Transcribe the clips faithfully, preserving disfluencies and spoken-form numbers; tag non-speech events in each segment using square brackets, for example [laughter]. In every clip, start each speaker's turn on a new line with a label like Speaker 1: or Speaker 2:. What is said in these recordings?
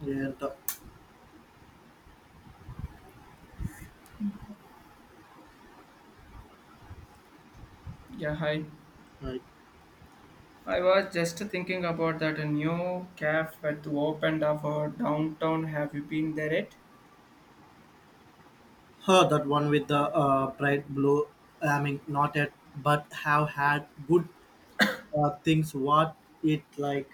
Speaker 1: Yeah, the,
Speaker 2: Yeah, hi.
Speaker 1: I
Speaker 2: I was just thinking about that new cafe that opened up our downtown. Have you been there yet?
Speaker 1: heard that one with the uh, bright blue. I mean, not yet, but have had good uh, things. What it like?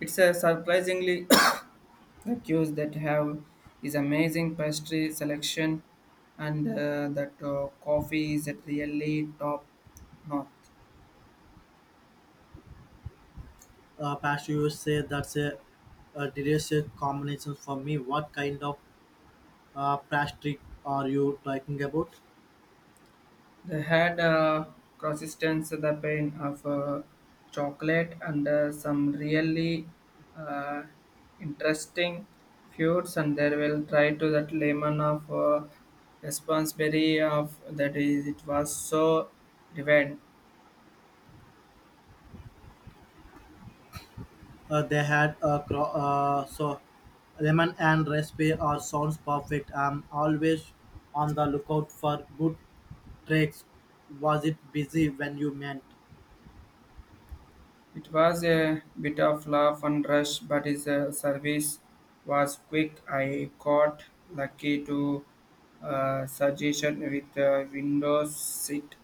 Speaker 2: It's a surprisingly [coughs] the queues that have is amazing pastry selection, and uh, that uh, coffee is at really top notch.
Speaker 1: Uh, past you say that's a, a delicious combination for me. What kind of uh, pastry are you talking about?
Speaker 2: They had uh, consistence the pain of uh, chocolate and uh, some really uh, interesting foods and they will try to that lemon of uh, responsibility of that is it was so divine.
Speaker 1: Uh, they had a cro- uh, so lemon and recipe are sounds perfect. I'm always on the lookout for good tricks. Was it busy when you met?
Speaker 2: It was a bit of laugh and rush but his uh, service was quick. I got lucky to uh, suggestion with uh, Windows seat.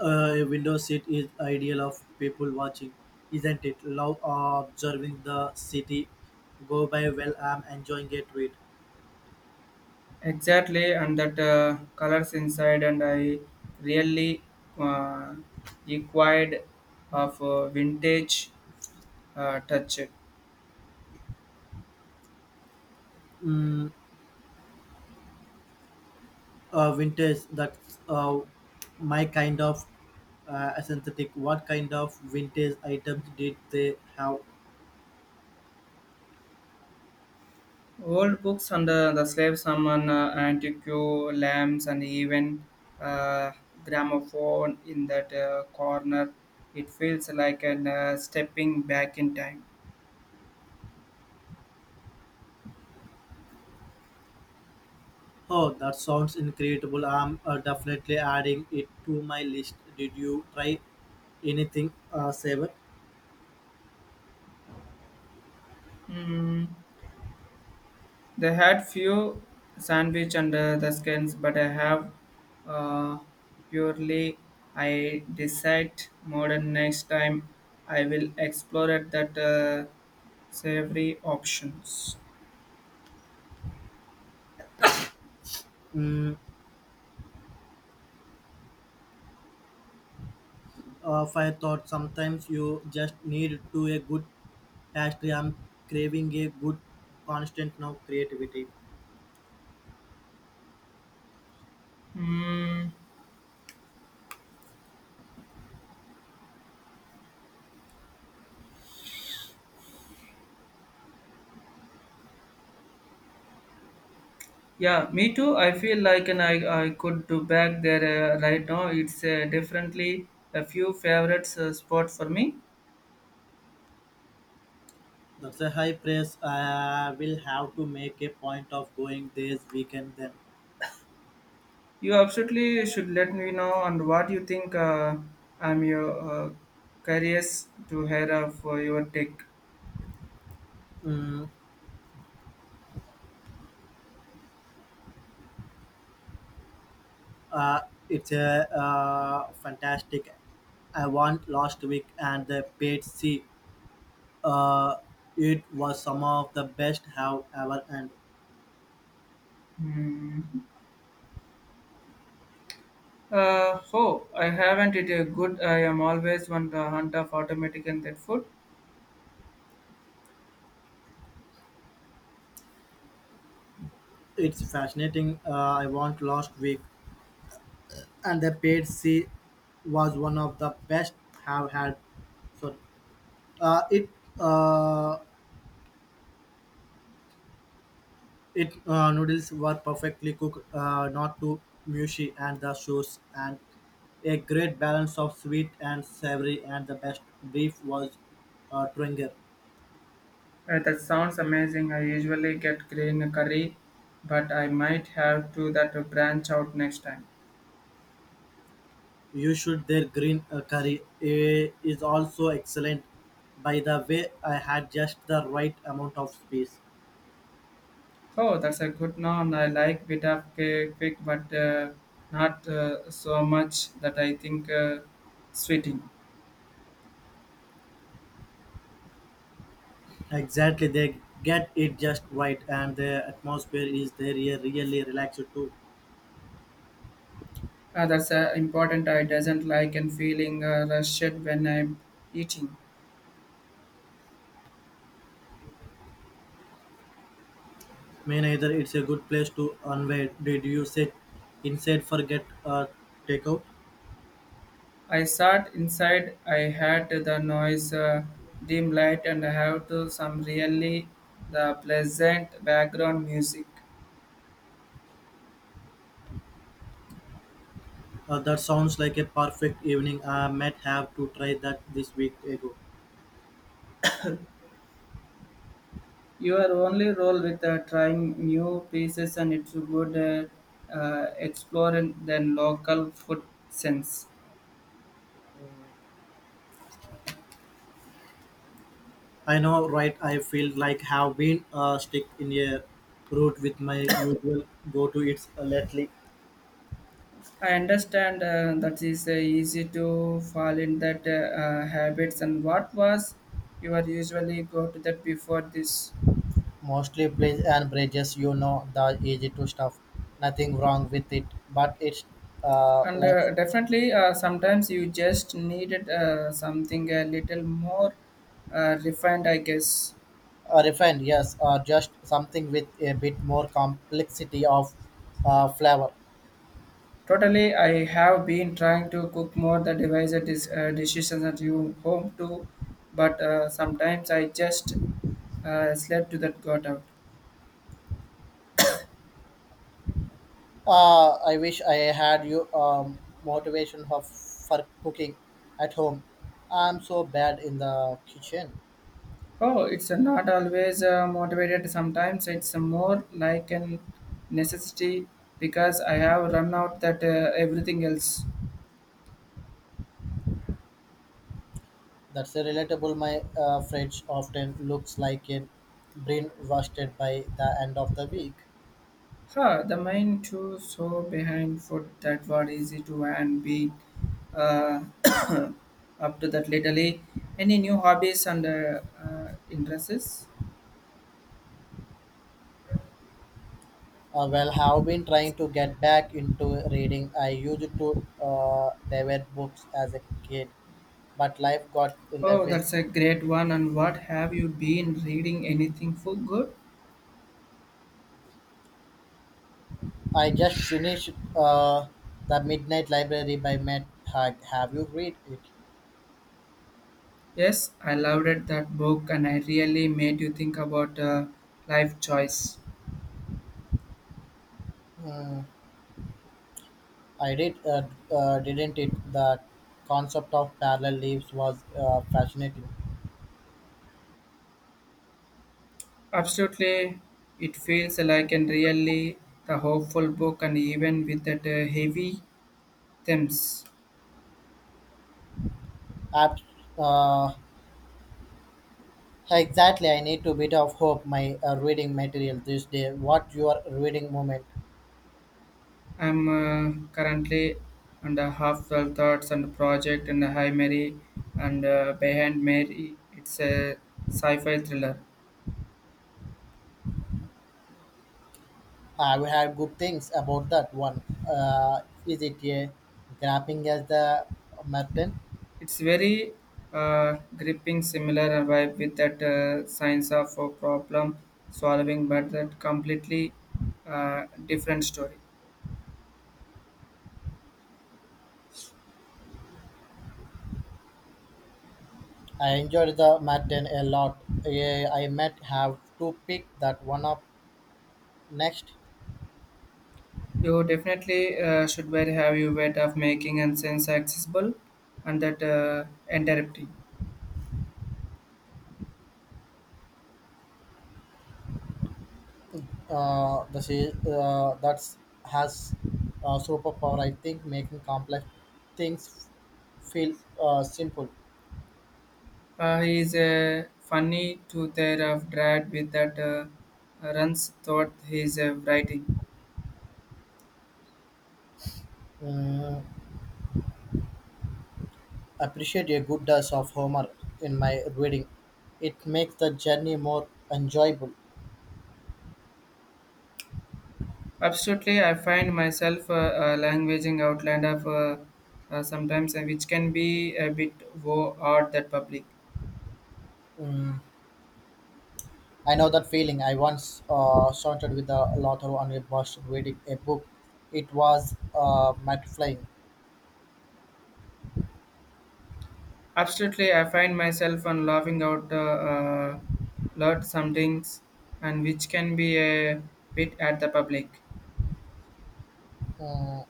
Speaker 1: Uh, a window seat is ideal of people watching, isn't it? Love uh, observing the city go by while I'm enjoying it with
Speaker 2: Exactly, and that uh, colors inside, and I really uh, acquired of uh, vintage uh, touch.
Speaker 1: mm, uh, vintage. That's uh, my kind of uh, aesthetic. What kind of vintage items did they have?
Speaker 2: Old books and uh, the slave summon, uh, antique lamps, and even uh, gramophone in that uh, corner. It feels like an uh, stepping back in time.
Speaker 1: Oh, that sounds incredible. I'm uh, definitely adding it to my list. Did you try anything, uh, Saber?
Speaker 2: Hmm. They had few sandwich under the skins, but I have uh, purely I decide modern next time I will explore it that uh, savory options.
Speaker 1: Mm, Of I thought sometimes you just need to a good pastry. I'm craving a good constant now creativity.
Speaker 2: Hmm. yeah, me too. I feel like and I, I could do back there uh, right now. It's uh, definitely a few favorites uh, spot for me.
Speaker 1: That's a high praise. I will have to make a point of going this weekend then.
Speaker 2: You absolutely should let me know and what you think. Uh, I'm your uh, curious to hear of uh, your take.
Speaker 1: Mm, uh, it's a uh, fantastic. I won last week and the paid C. Uh, it was some of the best have ever and
Speaker 2: Hmm. Uh, oh, I haven't it a good. I am always on the hunt of automatic and that food.
Speaker 1: it's fascinating. Uh, I want last week and the paid sea was one of the best have had. So uh, it uh, it uh, noodles were perfectly cooked, uh, not too mushy, and the sauce and a great balance of sweet and savory, and the best beef was uh, Twinger.
Speaker 2: Uh, that sounds amazing. I usually get green curry, but I might have to that to branch out next time.
Speaker 1: You should their green uh, curry, eh, is also excellent. By the way, I had just the right amount of space.
Speaker 2: Oh, that's a good one. I like bit of cake, quick, but uh, not uh, so much that I think uh, sweeting.
Speaker 1: Exactly, they get it just right, and the atmosphere is there here really relaxed too.
Speaker 2: Uh, that's uh, important. I doesn't like and feeling uh, rushed when I'm eating.
Speaker 1: May either it's a good place to unwind. Did you sit inside for get uh, takeout?
Speaker 2: I sat inside. I had the noise, uh, dim light, and I have to some really the pleasant background music.
Speaker 1: Uh, that sounds like a perfect evening. I might have to try that this week ago.
Speaker 2: Your only role with uh, trying new pieces and it's a good uh, uh, exploring than local food sense.
Speaker 1: I know, right? I feel like have been uh, stick in a route with my usual go to it's lately.
Speaker 2: I understand uh, that is uh, easy to fall in that uh, uh, habits. And what was you are usually go to that before this?
Speaker 1: Mostly plays and bridges, you know, the easy to stuff. Nothing wrong with it, but it's uh,
Speaker 2: And
Speaker 1: like
Speaker 2: uh, definitely, uh, sometimes you just needed uh, something a little more uh, refined, I guess.
Speaker 1: Uh, refined, yes, or just something with a bit more complexity of uh, flavor.
Speaker 2: Totally, I have been trying to cook more the device that is uh, decisions at you home too, but uh, sometimes I just uh, slept to that got out.
Speaker 1: Uh, I wish I had you um, motivation of, for cooking at home. I'm so bad in the kitchen.
Speaker 2: Oh, it's not always uh, motivated. Sometimes it's more like a necessity because I have run out that uh, everything else.
Speaker 1: That's a relatable. My uh, fridge often looks like a brain roasted by the end of the week.
Speaker 2: Huh, the mind too so behind for that what easy to and be uh, [coughs] up to that lately. Any new hobbies and uh, uh, interests?
Speaker 1: Uh, well, have been trying to get back into reading. I used to uh, devour books as a kid, but life got in the
Speaker 2: Oh,
Speaker 1: way.
Speaker 2: that's a great one. And what have you been reading? Anything for good?
Speaker 1: I just finished uh, The Midnight Library by Matt Haig. Have you read it?
Speaker 2: Yes, I loved it, that book and I really made you think about uh, life choice.
Speaker 1: I did, uh, uh, didn't it? The concept of parallel lives was uh, fascinating.
Speaker 2: Absolutely, it feels like and really the hopeful book and even with that uh, heavy themes.
Speaker 1: Abs- uh, exactly, I need a bit of hope my uh, reading material this day. What your reading moment?
Speaker 2: I'm uh, currently under half the thoughts and project and High Mary and uh, Behind Mary. It's a sci-fi thriller.
Speaker 1: Have you had good things about that one? Uh, is it a grappling as the Martin?
Speaker 2: It's very uh, gripping, similar vibe with that uh, science of uh, problem solving, but that completely uh, different story.
Speaker 1: I enjoyed the Martin a lot. Eh, I might have to pick that one up next.
Speaker 2: You definitely uh, should very have your way of making and sense accessible and that uh, interrupting.
Speaker 1: Uh, the se- uh, that's has uh, superpower, I think, making complex things feel uh, simple.
Speaker 2: Uh, he is a funny to their of dread with that uh, runs thought he is uh, writing.
Speaker 1: mm, Appreciate a good dose of humor in my reading. It makes the journey more enjoyable.
Speaker 2: Absolutely, I find myself uh, uh, languaging outland of uh, uh, sometimes, uh, which can be a bit wo- odd that public.
Speaker 1: mm, I know that feeling. I once uh, started with a lot of on a bus reading a book. It was uh, mind flying.
Speaker 2: Absolutely, I find myself on laughing out uh, uh, lot some things, and which can be a bit at the public.
Speaker 1: Mm,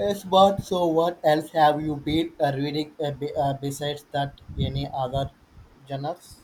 Speaker 1: Yes, but so what else have you been uh, reading uh, be, uh, besides that? Any other genres?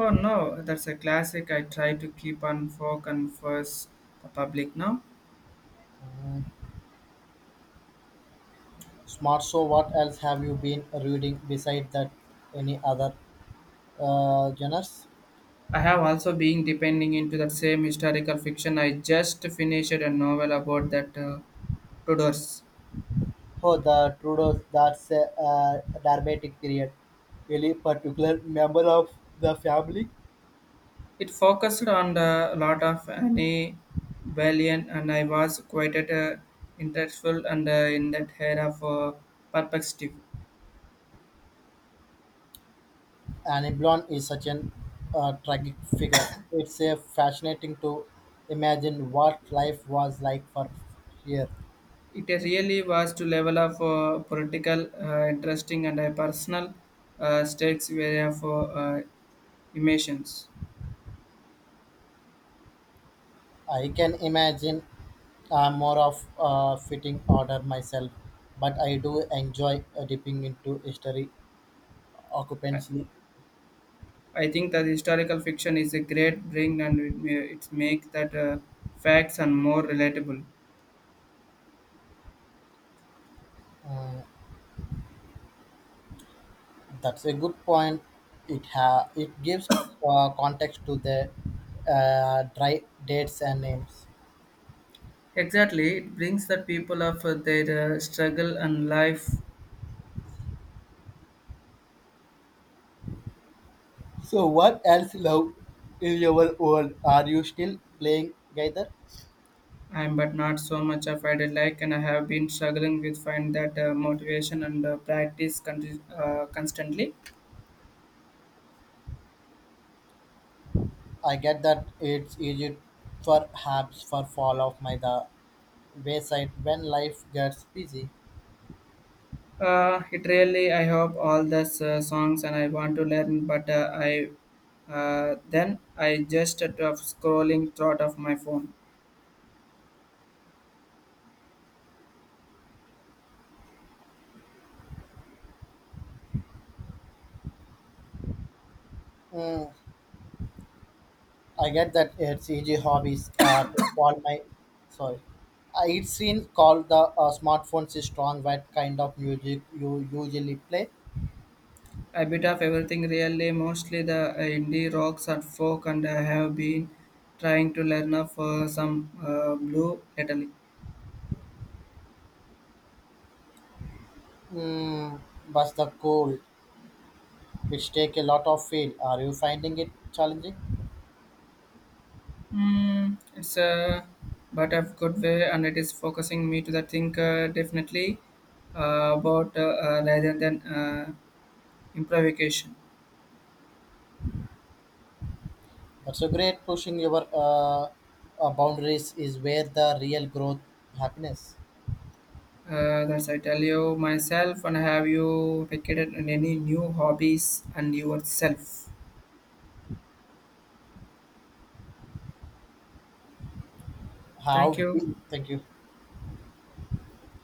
Speaker 2: Oh no, that's a classic. I try to keep on folk and first the public now.
Speaker 1: Mm, Smart. So what else have you been reading besides that? Any other uh, genres?
Speaker 2: I have also been depending into the same historical fiction. I just finished a novel about that uh, Tudors.
Speaker 1: Oh, the Trudeau. That's a uh, dramatic period. Really particular member of the family.
Speaker 2: It focused on a lot of Annie Bellion, and I was quite at, uh, interested and uh, in that era of uh, perspective.
Speaker 1: Annie Blonde is such an uh, tragic figure. It's a fascinating to imagine what life was like for here.
Speaker 2: It really was to level of uh, political, uh, interesting, and uh, personal uh, stakes were of uh, uh, emotions.
Speaker 1: I can imagine. I'm more of a fitting order myself, but I do enjoy uh, dipping into history occupancy.
Speaker 2: I think that historical fiction is a great bring and it, ma- it makes that uh, facts and more relatable.
Speaker 1: Uh, that's a good point. It ha- it gives uh, context to the uh, dry dates and names.
Speaker 2: Exactly, it brings the people of uh, their uh, struggle and life.
Speaker 1: So what else love in your world? Are you still playing Gaither?
Speaker 2: I'm but not so much of I did like and I have been struggling with find that uh, motivation and uh, practice con- uh, constantly.
Speaker 1: I get that it's easy perhaps for fall of my the wayside when life gets busy.
Speaker 2: Uh, it really I hope all the uh, songs and I want to learn but uh, I uh, then I just uh, of scrolling throughout of my phone.
Speaker 1: Mm, I get that it's easy hobbies uh, to call my sorry. Uh, it seen been called the uh, smartphones is strong. What kind of music you usually play?
Speaker 2: A bit of everything really mostly the uh, indie rocks and folk and I have been trying to learn of uh, some uh, blue lately.
Speaker 1: Mm, but the cool, which take a lot of feel. Are you finding it challenging?
Speaker 2: Mm, it's a but a good way, and it is focusing me to the think uh, definitely uh, about uh, uh, rather than uh, improvisation.
Speaker 1: That's a great pushing your uh, uh, boundaries is where the real growth happiness.
Speaker 2: Uh, that's I tell you myself, and have you picked in any new hobbies and yourself? Thank
Speaker 1: How?
Speaker 2: you.
Speaker 1: Thank you.